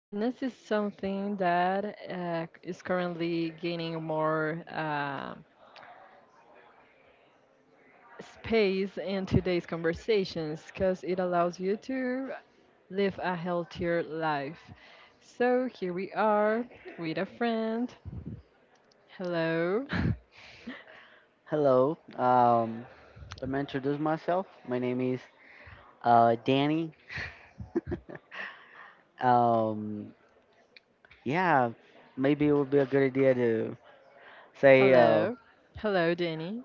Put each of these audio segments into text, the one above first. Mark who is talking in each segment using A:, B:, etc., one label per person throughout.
A: Fitness is something that is currently gaining more space in today's conversations because it allows you to live a healthier life. So here we are with a friend. Hello.
B: Hello. Let me introduce myself. My name is Danny. Um, yeah, Maybe it would be a good idea to say
A: Hello. Hello, Danny.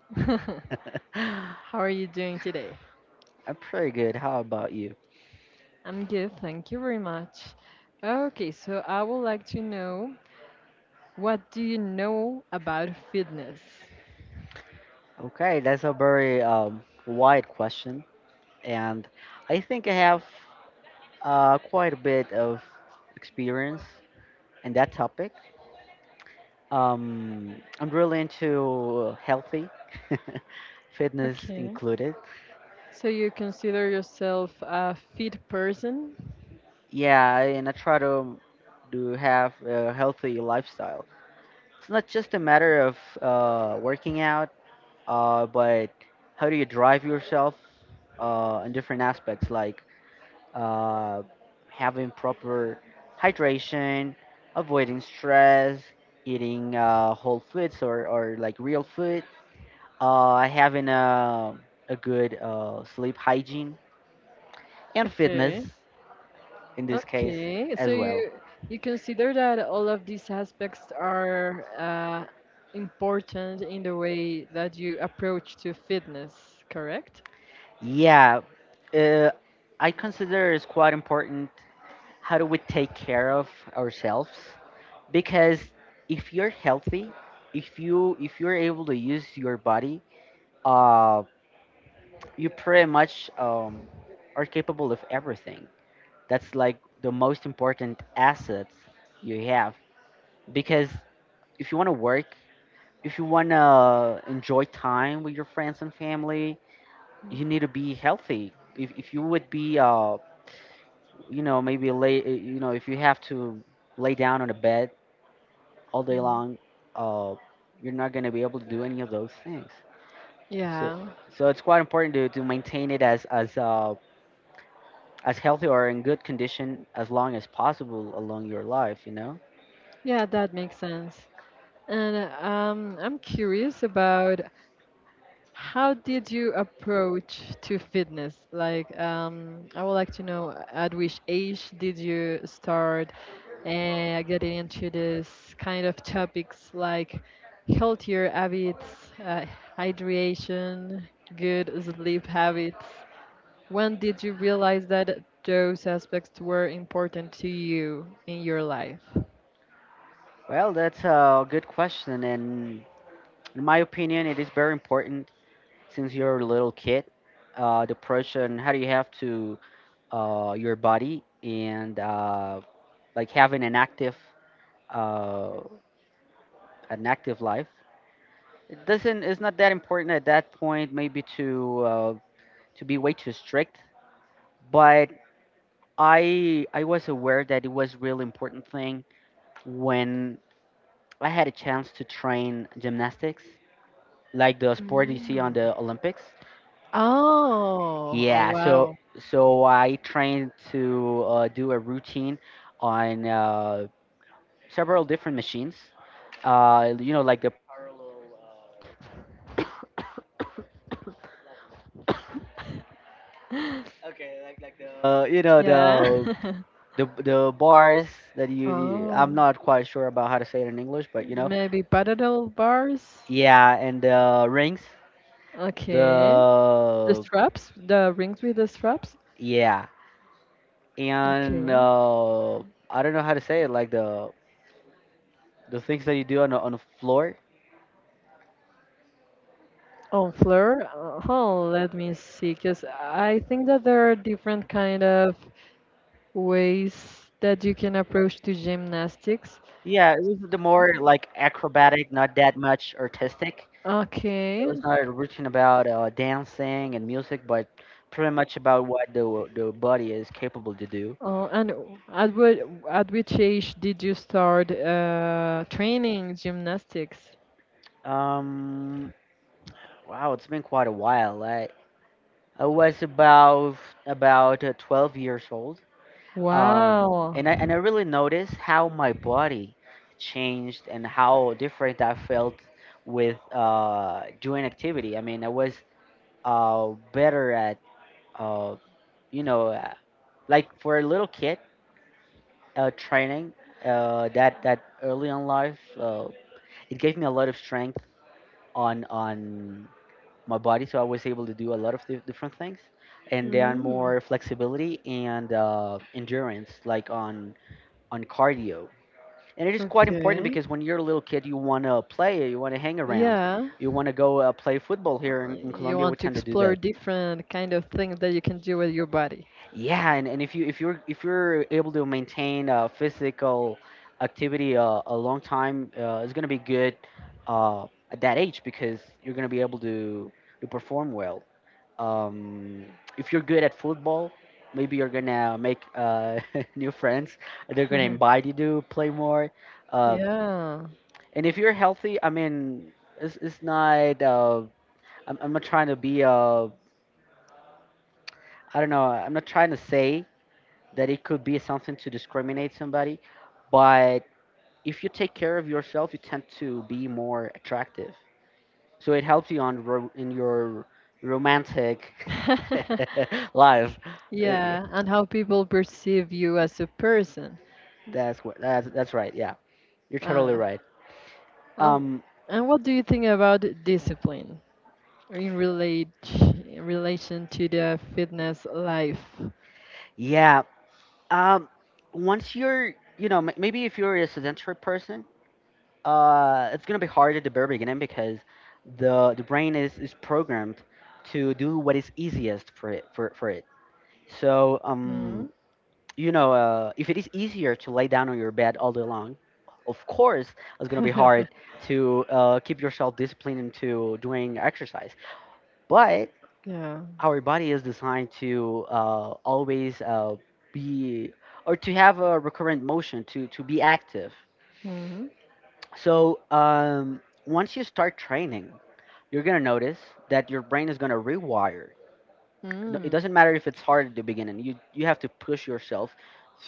B: I'm
A: How are you doing today?
B: pretty good. How about you?
A: I'm good, thank you very much. Okay, so I would like to know, what do you know about fitness?
B: Okay, that's a very wide question, and I think I have quite a bit of experience in that topic. I'm really into healthy, fitness
A: Okay.
B: included.
A: So you consider yourself a fit person?
B: Yeah, and I try to do have a healthy lifestyle. It's not just a matter of working out, but how do you drive yourself in different aspects, like uh, having proper hydration, avoiding stress, eating whole foods or like real food, having a good sleep hygiene, and
A: Okay.
B: fitness in this case
A: Okay, so
B: as well.
A: you consider that all of these aspects are important in the way that you approach to fitness, correct?
B: Yeah, uh, I consider it's quite important how do we take care of ourselves because if you're healthy, if you if you're able to use your body, uh, you pretty much are capable of everything. That's like the most important assets you have because if you want to work, if you want to enjoy time with your friends and family, you need to be healthy. If you would be you know maybe lay you know if you have to lay down on a bed all day
A: Mm.
B: long uh you're not going to be able to do any of those things, so
A: Yeah.
B: so it's quite important to maintain it as as as healthy or in good condition as long as possible along your life, you know.
A: Yeah, that makes sense. And I'm curious about how did you approach to fitness? Like, I would like to know, at which age did you start getting into this kind of topics, like healthier habits, hydration, good sleep habits? When did you realize that those aspects were important to you in your life?
B: Well, that's a good question, and in my opinion it is very important since you're a little kid. Depression, how do you have to your body, and like having uh, an active life. It doesn't. It's not that important at that point. Maybe to be way too strict. But I was aware that it was really important thing when I had a chance to train gymnastics, like the
A: Mm.
B: sport you see on the Olympics. Uh,
A: Oh, oh,
B: yeah. So
A: wow.
B: so I trained to do a routine on several different machines. You know, like the
A: Okay.
B: you know
A: Yeah.
B: the the bars that you-
A: Oh,
B: I'm not quite sure about how to say it in English, but you know,
A: maybe parallel bars.
B: yeah, and the rings,
A: Okay. The
B: the
A: straps, the rings with the straps.
B: yeah,
A: Like,
B: and
A: okay.
B: I don't know how to say it, like the things that you do on the floor.
A: On floor. Oh, let me see, because I think that there are different kind of ways that you can approach to gymnastics.
B: Yeah, it was the more like acrobatic, not that much artistic. It
A: Okay.
B: was not written about dancing and music, but pretty much about what the body is capable to do.
A: And at what at which age did you start training gymnastics?
B: Um, wow, it's been quite a while. I was about 12 years old,
A: Wow.
B: and I really noticed how my body changed and how different I felt with doing activity. I mean, I was better at uh, you know like for a little kid training that that early in life. It gave me a lot of strength on my body, so I was able to do a lot of di- different things, and then
A: Mm.
B: more flexibility and endurance, like on cardio. And it is quite important
A: Okay.
B: because when you're a little kid, you want to play, you want to hang around,
A: Yeah,
B: you want to go play football here in
A: you
B: Colombia. We
A: want to
B: tend to do
A: explore
B: that.
A: different kind of things that you can do with your body.
B: Yeah, and if you if you're able to maintain physical activity a long time, it's gonna be good uh, at that age because you're gonna be able to perform well. um, if you're good at football, maybe you're gonna make new friends. They're gonna invite you to play more. Uh,
A: Yeah.
B: and if you're healthy, I mean, it's not. I'm not trying to be. I don't know. I'm not trying to say that it could be something to discriminate somebody, but if you take care of yourself, you tend to be more attractive. So it helps you on ro- in your romantic life. Uh,
A: Yeah, and how people perceive you as a person.
B: That's what. That's right. Yeah, you're totally
A: Uh,
B: right.
A: Um,
B: Um,
A: and what do you think about discipline in relate in relation to the fitness life?
B: yeah. Um, Once you're, you know, m- maybe if you're a sedentary person, it's gonna be harder to bear beginning because the brain is programmed to do what is easiest for it for it. So,
A: Mm.
B: you know, if it is easier to lay down on your bed all day long, of course, it's gonna be hard to keep yourself disciplined into doing exercise, but
A: Yeah.
B: our body is designed to always be or to have a recurrent motion to be active.
A: Mm.
B: So once you start training you're going to notice that your brain is going to rewire. It
A: Mm.
B: doesn't matter if it's hard at the beginning, you have to push yourself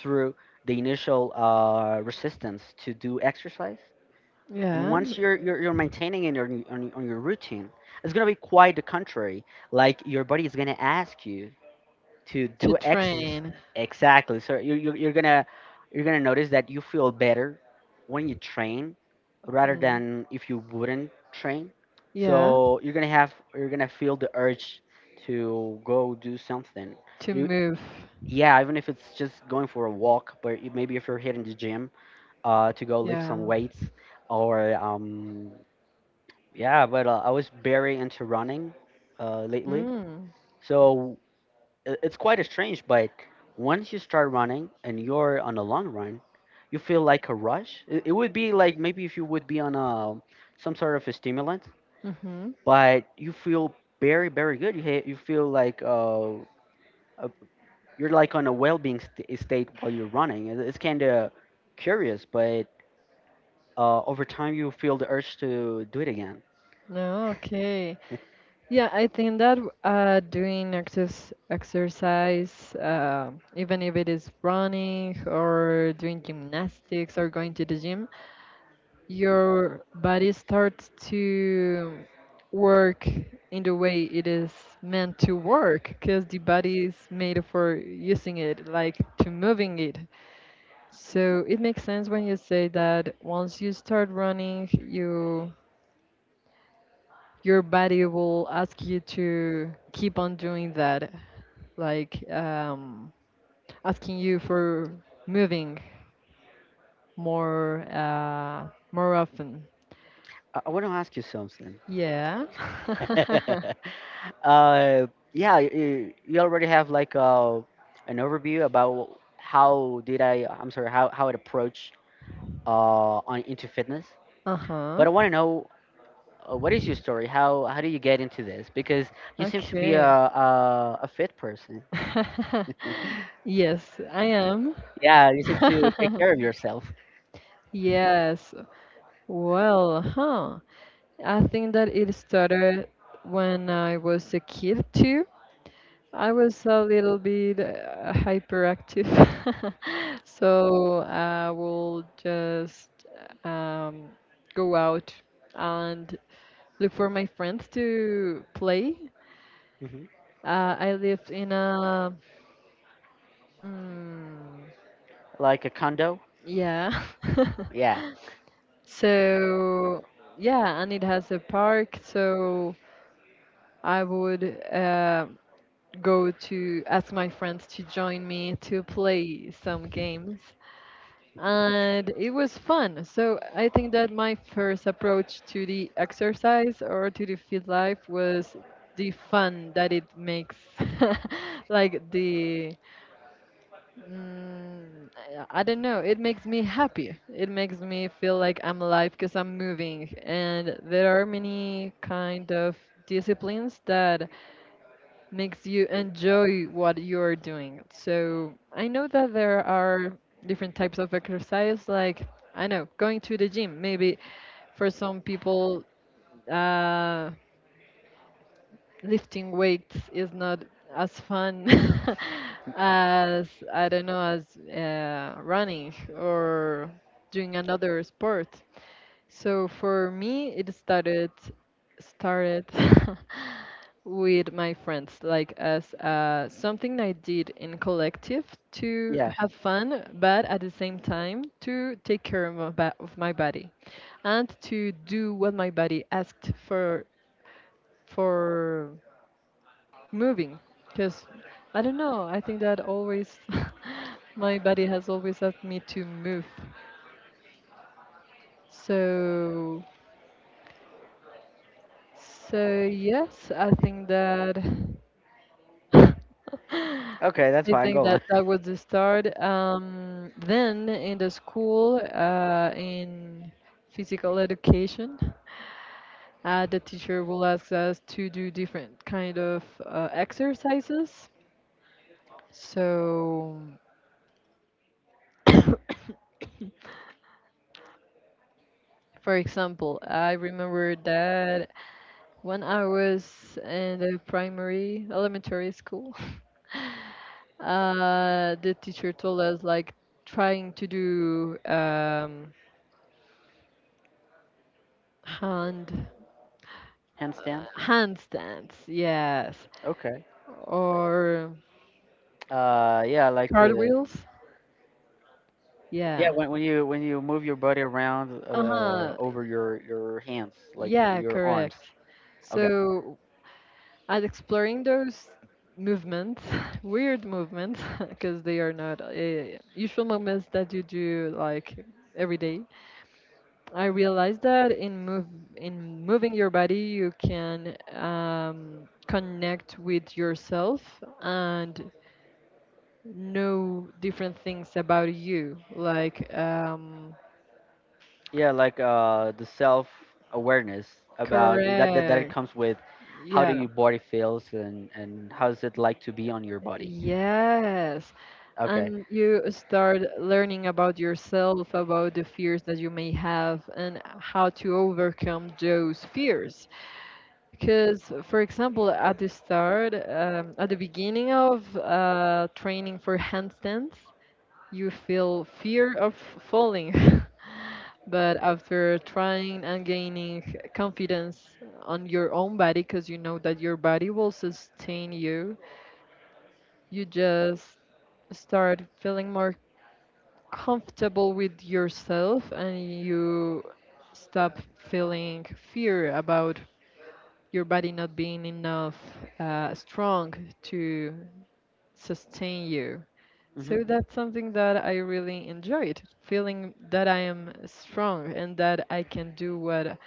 B: through the initial resistance to do exercise. And
A: Yeah.
B: once you're maintaining in your on your on your routine, it's going to be quite the contrary, like your body is going to ask you to
A: To
B: do exercise.
A: train.
B: Exactly. So you, you're gonna notice that you feel better when you train rather
A: Mm.
B: than if you wouldn't train.
A: Yeah.
B: So you're gonna have you're gonna feel the urge to go do something.
A: To
B: You
A: move.
B: yeah, even if it's just going for a walk, but it- maybe if you're hitting the gym to go lift
A: Yeah.
B: some weights or yeah. But I was very into running lately.
A: Mm.
B: So I- it's quite strange, but once you start running and you're on a long run, you feel like a rush. It would be like maybe if you would be on a some sort of a stimulant,
A: Mm-hmm.
B: but you feel very very good. You ha- you feel like uh you're like on a well-being st- state while you're running. It, it's kind of curious, but over time you feel the urge to do it again.
A: No, okay. Yeah, I think that doing exercise even if it is running or doing gymnastics or going to the gym, your body starts to work in the way it is meant to work, because the body is made for using it, like to moving it. So it makes sense when you say that once you start running, your body will ask you to keep on doing that, like asking you for moving more often.
B: I want to ask you something.
A: Yeah.
B: uh, yeah, you already have like an overview about how did I, I'm sorry, how it approached on into fitness.
A: Uh-huh.
B: But I want to know what is your story? How do you get into this? Because you seem to be
A: Okay.
B: a fit person.
A: Yes, I am.
B: Yeah, you seem to take care of yourself.
A: Yes. Well, huh. I think that it started when I was a kid too. I was a little bit hyperactive, so I will just um, go out and look for my friends to play.
B: Hmm,
A: I lived in a mm,
B: like a condo.
A: yeah.
B: Yeah,
A: So yeah, and it has a park, so I would uh, go to ask my friends to join me to play some games. And it was fun. So I think that my first approach to the exercise or to the fit life was the fun that it makes. Like the, I don't know, it makes me happy. It makes me feel like I'm alive because I'm moving. And there are many kind of disciplines that makes you enjoy what you're doing. So I know that there are different types of exercise, like I know going to the gym. Maybe for some people, uh, lifting weights is not as fun as, I don't know, as running or doing another sport. So for me, it started with my friends, like, as something I did in collective to
B: yeah.
A: have fun, but at the same time to take care of of my body, and to do what my body asked for moving. Because, I don't know, I think that always my body has always asked me to move. So, yes, I think that.
B: Okay, that's
A: I
B: fine.
A: think
B: Go on.
A: that that was the start. Then in the school, in physical education, the teacher will ask us to do different kind of exercises. So, for example, I remember that when I was in the primary elementary school, the teacher told us like, trying to do hand
B: Handstand.
A: handstands. Yes.
B: Okay.
A: Or
B: Yeah, I like to.
A: cartwheels.
B: Yeah,
A: Yeah.
B: when when you move your body around
A: Uh-huh.
B: over your hands, like
A: Yeah,
B: your arms.
A: correct.
B: Okay.
A: So, at exploring those movements, weird movements, because they are not usual movements that you do like every day, I realized that in moving your body, you can connect with yourself and know different things about you, like.
B: Yeah, like the self awareness about that that it
A: Correct.
B: comes with how do
A: Yeah,
B: your body feels and how's it like to be on your body.
A: yes.
B: Okay.
A: And you start learning about yourself, about the fears that you may have, and how to overcome those fears. Because, for example, at the start, at the beginning of training for handstands, you feel fear of falling. But after trying and gaining confidence on your own body, because you know that your body will sustain you, you just start feeling more comfortable with yourself, and you stop feeling fear about your body not being enough strong to sustain you.
B: Hmm.
A: So that's something that I really enjoyed, feeling that I am strong and that I can do what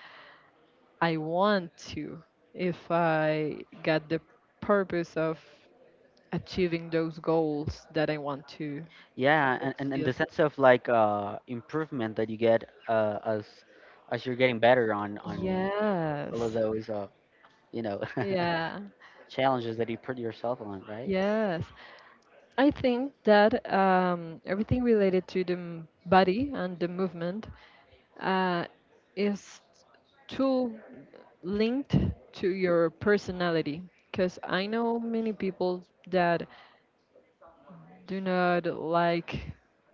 A: I want to, if I got the purpose of achieving those goals that I want to
B: Yeah, and
A: achieve.
B: the sense of like improvement that you get as you're getting better on all of
A: Yes.
B: those you know
A: Yeah,
B: challenges that you put yourself on, right?
A: yes. I think that everything related to the body and the movement uh, is too linked to your personality. Because I know many people that do not like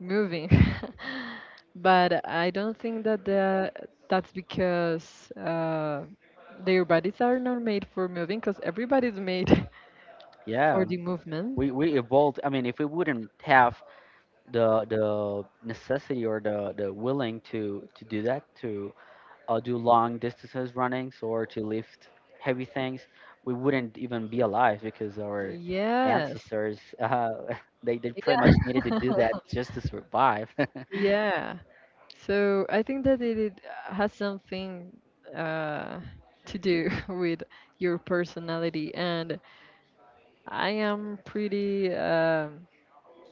A: moving, but I don't think that that's because their bodies are not made for moving, because everybody's made
B: Yeah.
A: for the movement.
B: We evolved. I mean, if we wouldn't have the necessity or the willing to do that to do long distances runnings or to lift heavy things, we wouldn't even be alive because our
A: Yes.
B: ancestors they pretty
A: Yeah.
B: much needed to do that just to survive.
A: Yeah. So I think that it has something uh, to do with your personality, and I am pretty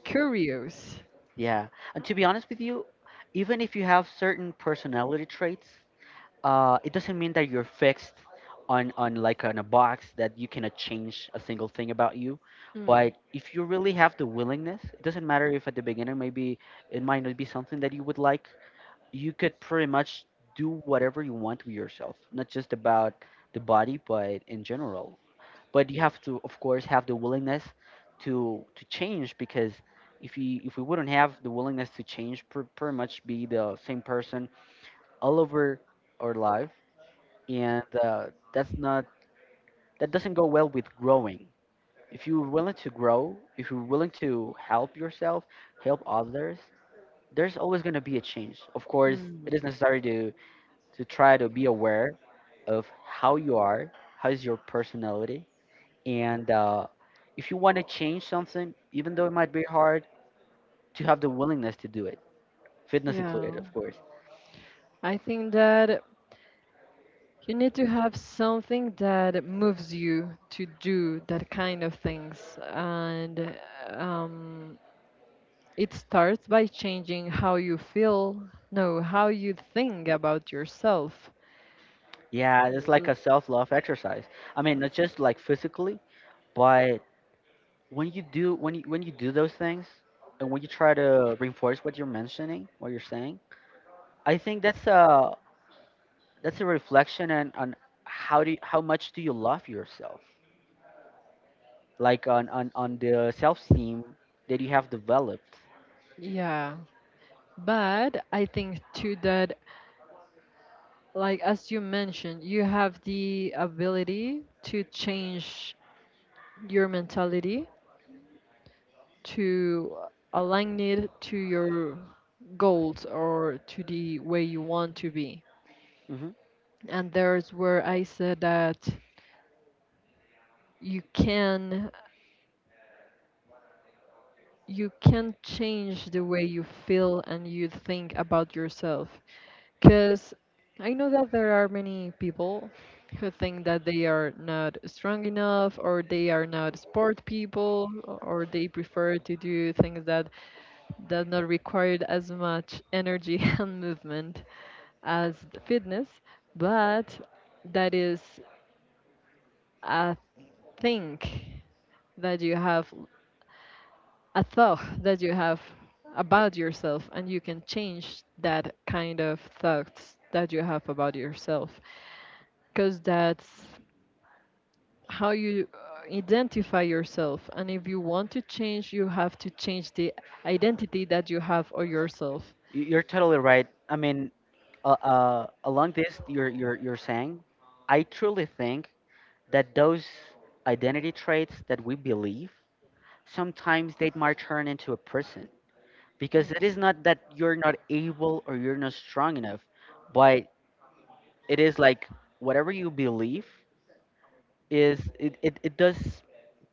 A: curious.
B: Yeah, and to be honest with you, even if you have certain personality traits, it doesn't mean that you're fixed on like on a box that you cannot change a single thing about you.
A: Mm.
B: But if you really have the willingness, it doesn't matter if at the beginning maybe it might not be something that you would like, you could pretty much do whatever you want with yourself, not just about the body but in general. But you have to of course have the willingness to change because if you if we wouldn't have the willingness to change, pr- pretty much be the same person all over our life, and that's not, that doesn't go well with growing. If you're willing to grow, if you're willing to help yourself, help others, there's always going to be a change. Of course
A: Mm.
B: it is necessary to try to be aware of how you are, how is your personality, and if you want to change something, even though it might be hard, to have the willingness to do it, fitness included
A: Yeah.
B: of course.
A: I think that you need to have something that moves you to do that kind of things, and um, it starts by changing how you feel, no, how you think about yourself.
B: Yeah, it's like a
A: L-
B: self-love exercise. I mean not just like physically, but when you do those things, and when you try to reinforce what you're mentioning, what you're saying, I think that's a reflection on how do you, how much do you love yourself, like on the self-esteem that you have developed.
A: Yeah, but I think too that, like as you mentioned, you have the ability to change your mentality to align it to your goals or to the way you want to be.
B: Hmm,
A: And there's where I said that you can you can change the way you feel and you think about yourself. Because I know that there are many people who think that they are not strong enough, or they are not sport people, or they prefer to do things that does not require as much energy and movement as the fitness, but that is a think that you have a thought that you have about yourself, and you can change that kind of thoughts that you have about yourself, because that's how you identify yourself, and if you want to change, you have to change the identity that you have of yourself.
B: you're totally right. I mean along this you're saying, I truly think that those identity traits that we believe, sometimes they might turn into a person, because it is not that you're not able or you're not strong enough, but it is like whatever you believe is it does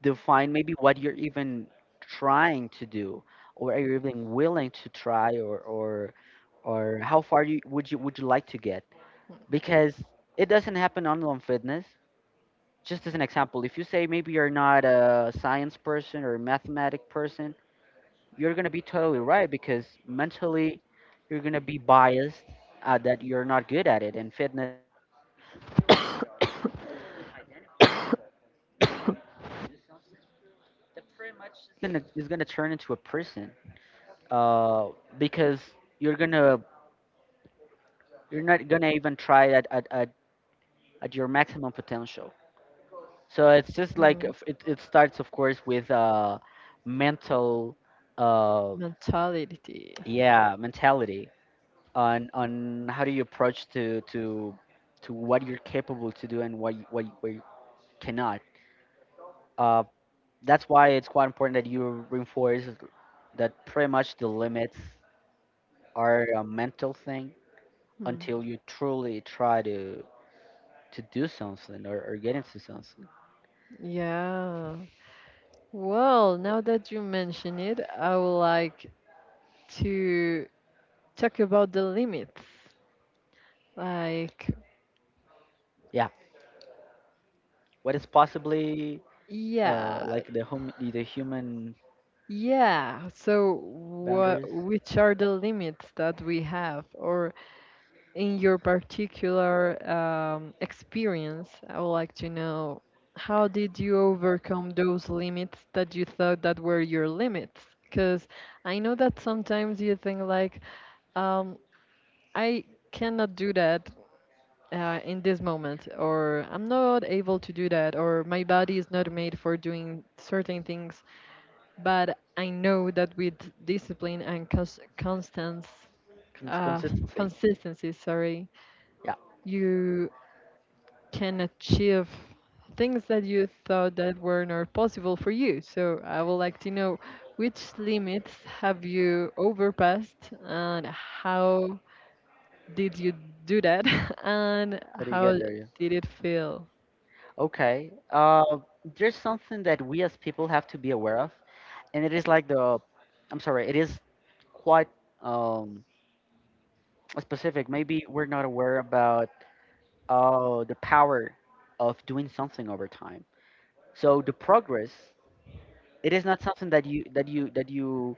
B: define maybe what you're even trying to do, or are you even willing to try, or how far you would you like to get, because it doesn't happen only on fitness. Just as an example, if you say maybe you're not a science person or a mathematic person, you're gonna be totally right because mentally you're gonna be biased, that you're not good at it, and fitness is gonna turn into a prison, uh, because you're gonna you're not gonna even try at at your maximum potential. So it's just
A: Like,
B: like
A: mm.
B: if it starts, of course, with mental uh,
A: Mentality.
B: yeah, mentality, on how do you approach to what you're capable to do, and what you cannot. Uh, that's why it's quite important that you reinforce that, pretty much, the limits are a mental thing,
A: Hmm.
B: until you truly try to do something, or get into something.
A: Yeah. Well, now that you mention it, I would like to talk about the limits. Like,
B: Yeah, what is possibly,
A: yeah,
B: like the hum the human
A: yeah. So,
B: boundaries.
A: which are the limits that we have? Or, in your particular experience, I would like to know, how did you overcome those limits that you thought that were your limits? Because I know that sometimes you think like, um, I cannot do that in this moment, or I'm not able to do that, or my body is not made for doing certain things. But I know that with discipline and constance, uh,
B: Consistency.
A: consistency, sorry,
B: Yeah.
A: you can achieve things that you thought that were not possible for you. So I would like to know, which limits have you overpassed, and how did you do that, and
B: How do you
A: how
B: get there? Yeah.
A: did it feel?
B: Okay, there's something that we as people have to be aware of, and it is like the, I'm sorry, it is quite um specific, maybe we're not aware about. Oh, the power of doing something over time. So the progress, it is not something that you,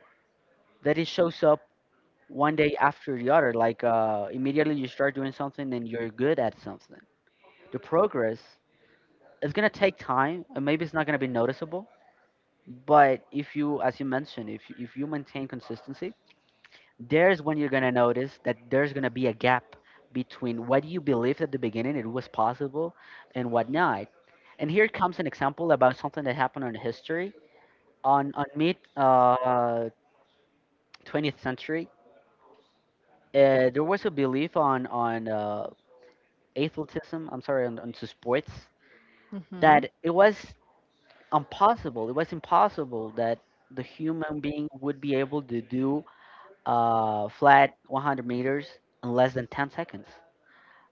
B: that it shows up one day after the other. Like, immediately you start doing something and you're good at something. The progress is gonna take time, and maybe it's not gonna be noticeable. But if you, as you mentioned, if you maintain consistency, there's when you're gonna notice that there's gonna be a gap between what you believed at the beginning it was possible and what not. And here comes an example about something that happened on history. On mid 20th century, there was a belief on athletism. I'm sorry, on, to sports,
A: Hmm.
B: that it was impossible. It was impossible that the human being would be able to do flat 100 meters in less than 10 seconds.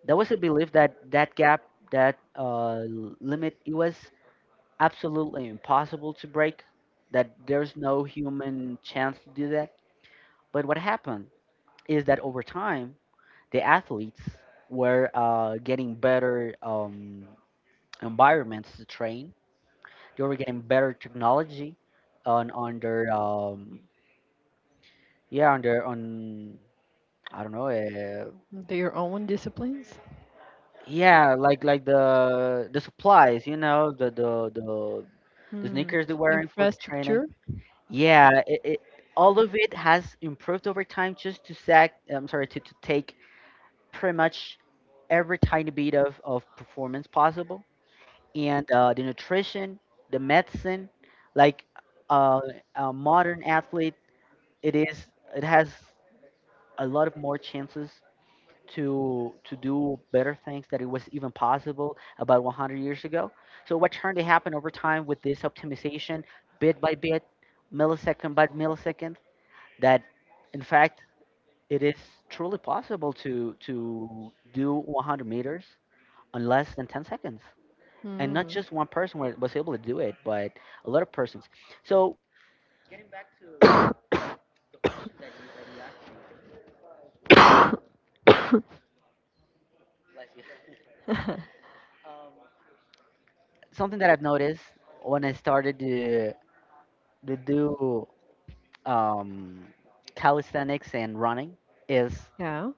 B: There was a belief that that gap, that limit, it was absolutely impossible to break, that there's no human chance to do that. But what happened is that over time, the athletes were getting better environments to train. They were getting better technology on their, yeah, on their on, I don't know,
A: Their own disciplines?
B: yeah, like the supplies, the
A: Hmm.
B: sneakers they're wearing for the training.
A: Infrastructure?
B: Yeah, it, all of it has improved over time, just to sack I'm sorry, to take pretty much every tiny bit of performance possible, and the nutrition, the medicine, like, uh, a modern athlete, it is it has a lot of more chances to do better things that it was even possible about 100 years ago. So what turned to happen over time with this optimization, bit by bit, millisecond by millisecond, that in fact it is truly possible to do 100 meters on less than 10 seconds, and not
A: Hmm.
B: just one person was able to do it, but a lot of persons. So something that I've noticed when I started to do, um, calisthenics and running, is
A: Yeah.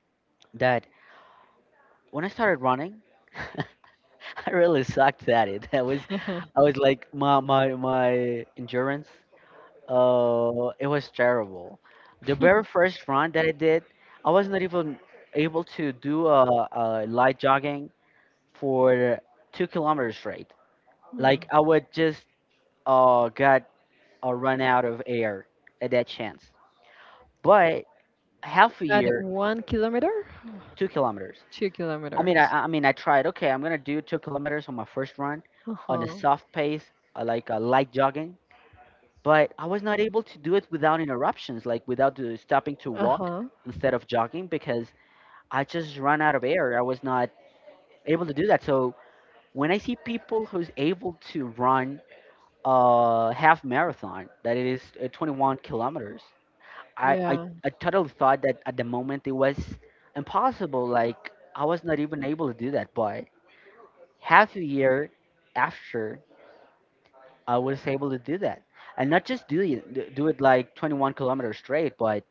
B: that when I started running, I really sucked at it. I was like my endurance. It was terrible. The very
A: Hmm.
B: first run that I did, I was not even able to do a light jogging for 2 kilometers straight. Like, I would just got a run out of air at that chance. But half a
A: At
B: year,
A: 1 kilometer,
B: 2 kilometers.
A: two kilometers.
B: I mean, I tried. Okay, I'm gonna do 2 kilometers on my first run,
A: Yeah. Uh
B: on a
A: huh.
B: soft pace, like, light jogging. But I was not able to do it without interruptions, like without the stopping to
A: Uh
B: walk
A: huh.
B: instead of jogging, because I just ran out of air. I was not able to do that. So when I see people who's able to run a half marathon, that it is 21 kilometers, I, I,
A: Yeah.
B: I totally thought that at the moment it was impossible. Like, I was not even able to do that, but half a year after, I was able to do that, and not just do it like 21 kilometers straight, but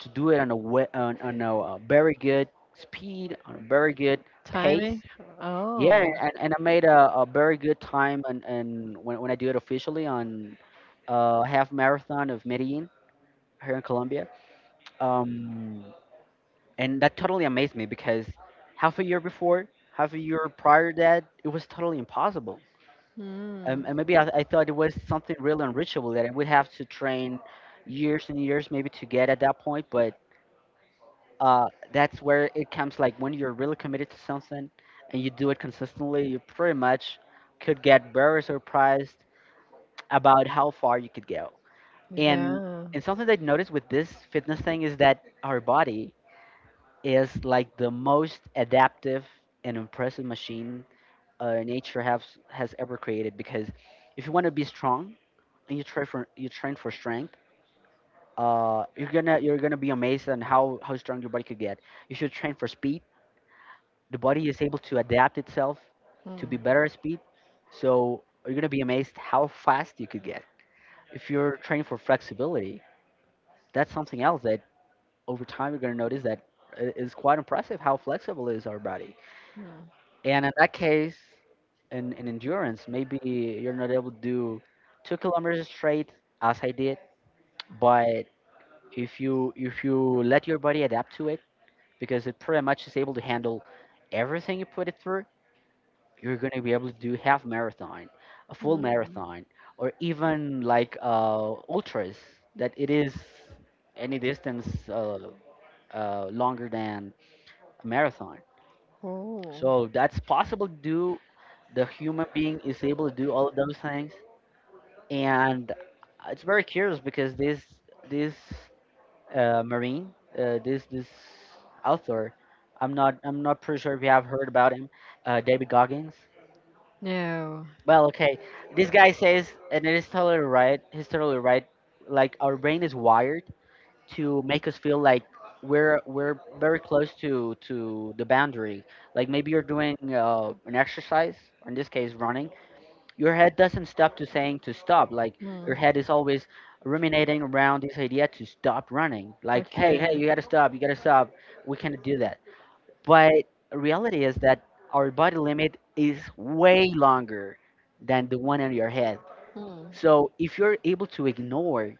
B: to do it on a very good speed, on a very good pace.
A: Timing. Yeah.
B: Yeah,
A: Oh.
B: and I made a very good time, and when I do it officially on half marathon of Medellin here in Colombia, um, and that totally amazed me, because half a year before, half a year prior to that, it was totally impossible.
A: Hmm.
B: And maybe I thought it was something really unreachable, that I would have to train years and years maybe to get at that point. But uh, that's where it comes, like when you're really committed to something and you do it consistently, you pretty much could get very surprised about how far you could go. And
A: Yeah.
B: and something that I noticed with this fitness thing is that our body is like the most adaptive and impressive machine nature has ever created. Because if you want to be strong and you train for strength, you're gonna be amazed on how strong your body could get. You should train for speed. The body is able to adapt itself to be
A: Hmm.
B: better at speed. So you're gonna be amazed how fast you could get. If you're training for flexibility, that's something else that over time you're gonna notice that is quite impressive how flexible is our body.
A: Hmm.
B: And in that case, in endurance, maybe you're not able to do 2 kilometers straight as I did, but if you let your body adapt to it, because it pretty much is able to handle everything you put it through, you're gonna be able to do half marathon, a full
A: Hmm.
B: marathon, or even like, ultras, that it is any distance longer than a marathon.
A: Oh.
B: So that's possible to do. The human being is able to do all of those things, and it's very curious because this marine, this author, I'm not pretty sure if you have heard about him, David Goggins.
A: No.
B: Well, okay, this guy says, and it is totally right. He's totally right. Like, our brain is wired to make us feel like we're very close to the boundary. Like, maybe you're doing an exercise, or in this case running. Your head doesn't stop to saying to stop. Like,
A: Hmm.
B: your head is always ruminating around this idea to stop running.
A: Like,
B: Like, hey, hey,
A: okay.
B: you gotta stop, you gotta stop. We cannot do that. But reality is that our body limit is way longer than the one in your head.
A: Hmm.
B: So if you're able to ignore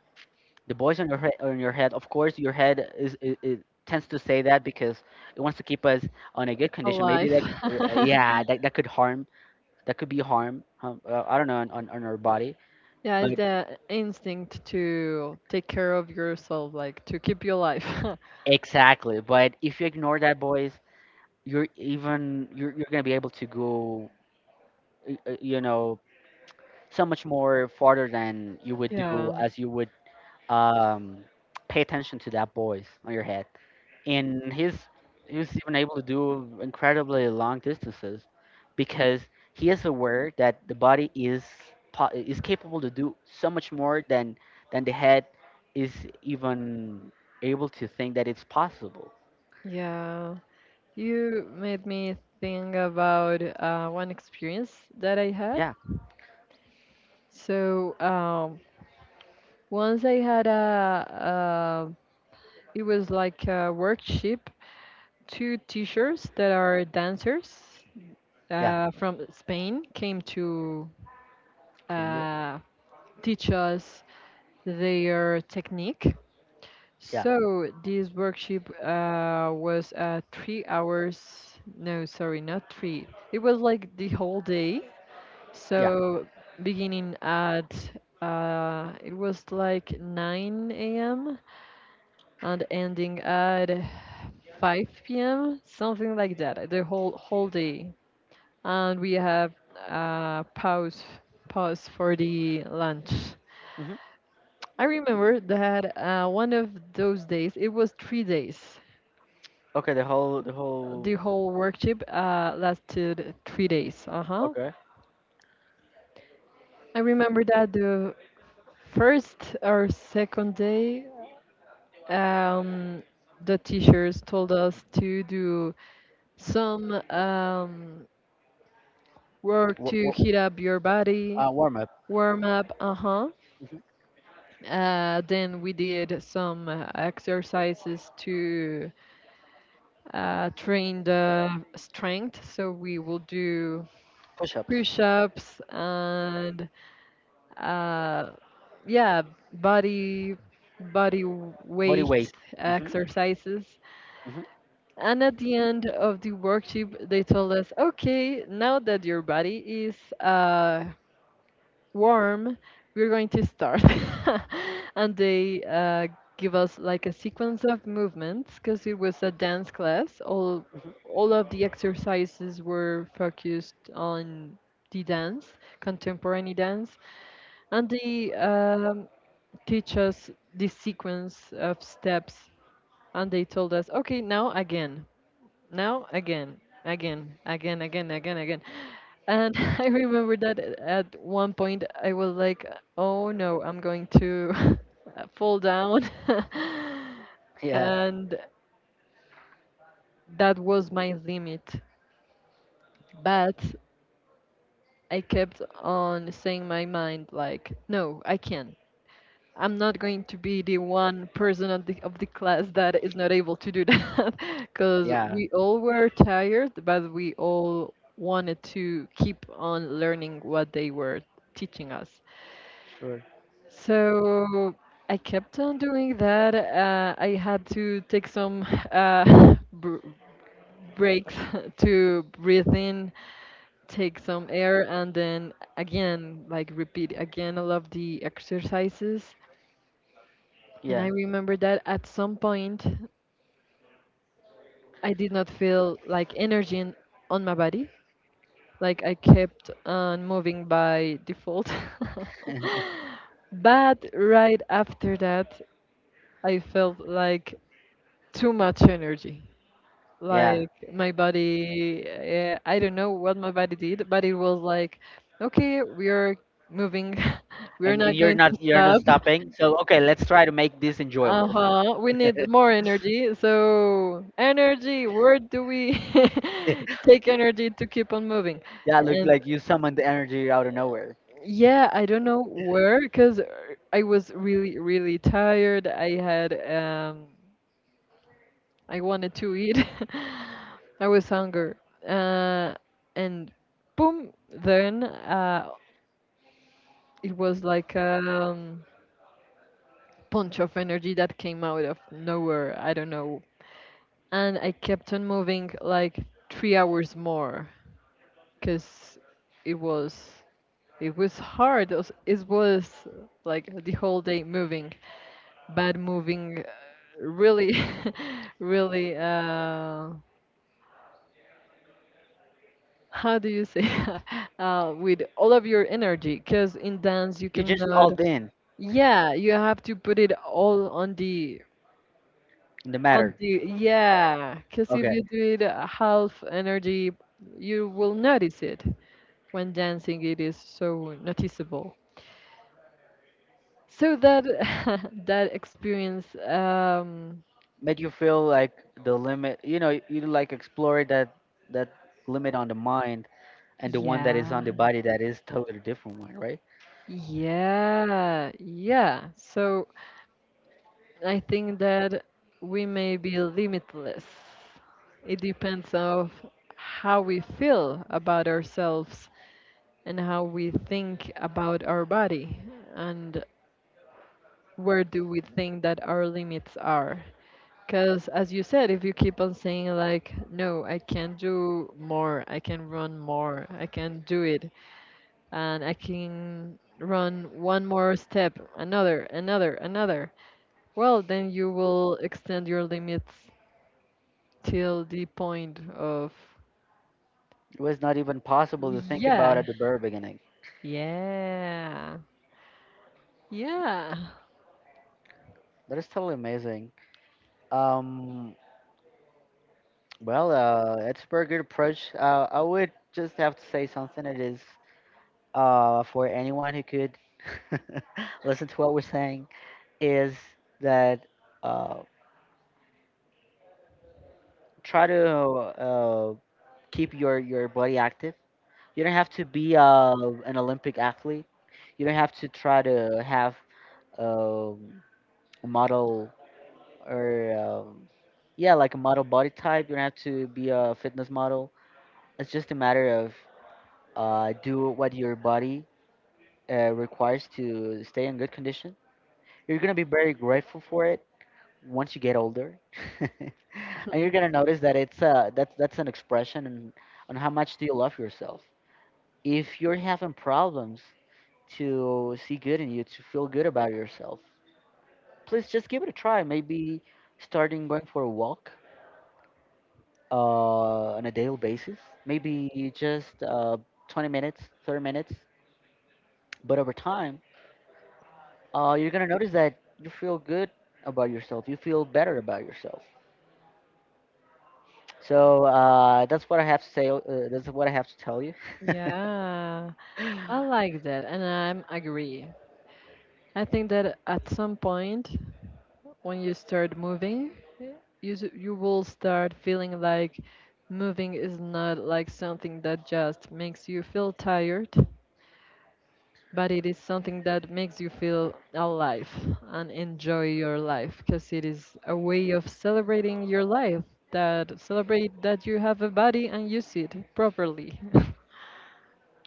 B: the boys on your head, of course your head is, it tends to say that, because it wants to keep us on a good
A: A
B: condition, maybe
A: life.
B: that, yeah, that could be harm, I don't know, on, on our body.
A: Yeah,
B: But,
A: it's the instinct to take care of yourself, like to keep you alive.
B: exactly, but if you ignore that boys, you're gonna be able to go, you know, so much more farther than you would do,
A: Yeah,
B: as you would um pay attention to that boys on your head. And he was even able to do incredibly long distances, because he is aware that the body is is capable to do so much more than the head is even able to think that it's possible.
A: yeah. You made me think about one experience that I had.
B: Yeah,
A: So once I had it was like a workshop. Two teachers that are dancers
B: yeah,
A: from Spain came to
B: Colombia.
A: uh, teach us their technique.
B: Yeah,
A: So this workshop was 3 hours. No, sorry, not three. It was like the whole day.
B: yeah.
A: So, beginning at it was like 9 a.m. and ending at 5 p.m., something like that. The whole whole day, and we have uh, pause pause for the lunch.
B: Hmm.
A: I remember that one of those days, it was 3 days.
B: Okay, the whole.
A: The whole work trip lasted 3 days. Uh huh.
B: Okay.
A: I remember that the first or second day, um, the teachers told us to do some work
B: W-
A: to
B: w-
A: heat up your body,
B: Warm up.
A: warm up. Uh huh.
B: Hmm.
A: Then we did some exercises to train the strength. So we will do
B: Push-ups,
A: push ups and uh, yeah, body body
B: body
A: weight
B: weight. Hmm.
A: exercises.
B: Hmm.
A: And at the end of the workshop, they told us, okay, now that your body is warm, we're going to start. And they give us like a sequence of movements, because it was a dance class. All
B: Hmm.
A: all of the exercises were focused on the dance, contemporary dance. And they teach us this sequence of steps, and they told us, okay, now again, again, again, again, again, again. And I remember that at one point I was like, oh no, I'm going to fall down.
B: Yeah,
A: And that was my limit. But I kept on saying my mind like, no, I can, I'm not going to be the one person of the class that is not able to do that. Because
B: yeah,
A: we all were tired, but we all wanted to keep on learning what they were teaching us.
B: sure.
A: So I kept on doing that. I had to take some br breaks to breathe in, take some air, and then again, like repeat again all of the exercises. And
B: Yeah,
A: I remember that at some point I did not feel like energy in, on my body. Like I kept on moving by default. But right after that, I felt like too much energy.
B: yeah.
A: Like my body, I don't know what my body did, but it was like, okay, we are moving. We are
B: And
A: not going to
B: you're not
A: stop.
B: stopping. So okay, let's try to make this enjoyable.
A: Uh-huh. We need more energy. So, energy, where do we take energy to keep on moving?
B: Yeah, look
A: And
B: like you summoned the energy out of nowhere.
A: yeah, I don't know where because I was really, really tired. I had I wanted to eat. I was hungry. Uh and then it was like punch of energy that came out of nowhere. I don't know, and I kept on moving like 3 hours more, because it was it was hard. It was like the whole day moving, but moving really, really. How do you say with all of your energy? Because in dance you
B: You just
A: cannot.
B: all in
A: Yeah, you have to put it all on the
B: in the
A: on
B: matter.
A: the yeah. Because if
B: Okay,
A: you do it half energy, you will notice it. When dancing it is so noticeable, so that that experience
B: made you feel like the limit. You know, you like explore that limit on the mind and the one that is
A: yeah,
B: on the body, that is totally different one, right?
A: yeah, so I think that we may be limitless. It depends of how we feel about ourselves and how we think about our body and where do we think that our limits are. Because, as you said, if you keep on saying, like, no, I can do more, I can run more, I can do it, and I can run one more step, another, another, another, well, then you will extend your limits till the point of,
B: It was not even possible to think about
A: yeah,
B: at the very beginning.
A: yeah, yeah.
B: That is totally amazing. Um, well, it's a very good approach. I would just have to say something. It is. For anyone who could listen to what we're saying, is that uh, try to keep your body active. You don't have to be an Olympic athlete. You don't have to try to have um, a model or yeah, like a model body type. You don't have to be a fitness model. It's just a matter of, do what your body requires to stay in good condition. You're gonna be very grateful for it once you get older, and you're gonna notice that it's that's an expression on, how much do you love yourself. If you're having problems to see good in you, to feel good about yourself, please just give it a try. Maybe starting going for a walk on a daily basis, maybe just 20 minutes, 30 minutes. But over time, you're gonna notice that you feel good about yourself, you feel better about yourself. So that's what I have to say. That's what I have to tell you.
A: Yeah, I like that, and I'm agree. I think that at some point when you start moving, you you will start feeling like moving is not like something that just makes you feel tired, but it is something that makes you feel alive and enjoy your life, because it is a way of celebrating your life, that celebrate that you have a body and use it properly.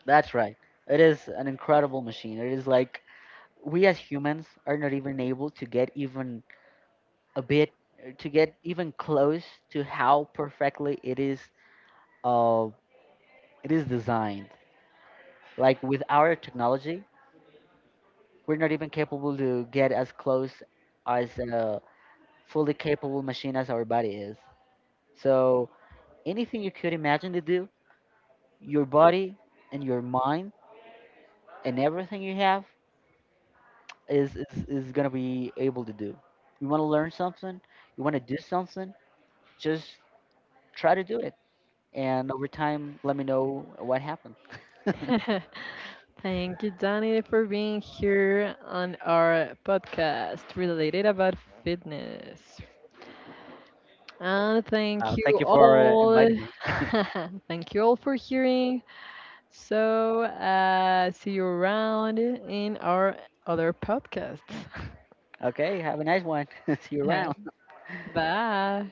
B: That's right. It is an incredible machine. It is like, we as humans are not even able to get even a bit, to get even close to how perfectly it is uh designed. Like, with our technology, we're not even capable to get as close as a fully capable machine as our body is. So anything you could imagine to do, your body and your mind and everything you have is gonna be able to do. You want to learn something, you want to do something, just try to do it. And over time, let me know what happened. uh,
A: Thank you, Danny, for being here on our podcast related about fitness. Thank
B: Thank
A: you
B: you for
A: all.
B: inviting me.
A: Thank you all for hearing. So, see you around in our other podcasts.
B: Okay, have a nice one. See you around.
A: Bye.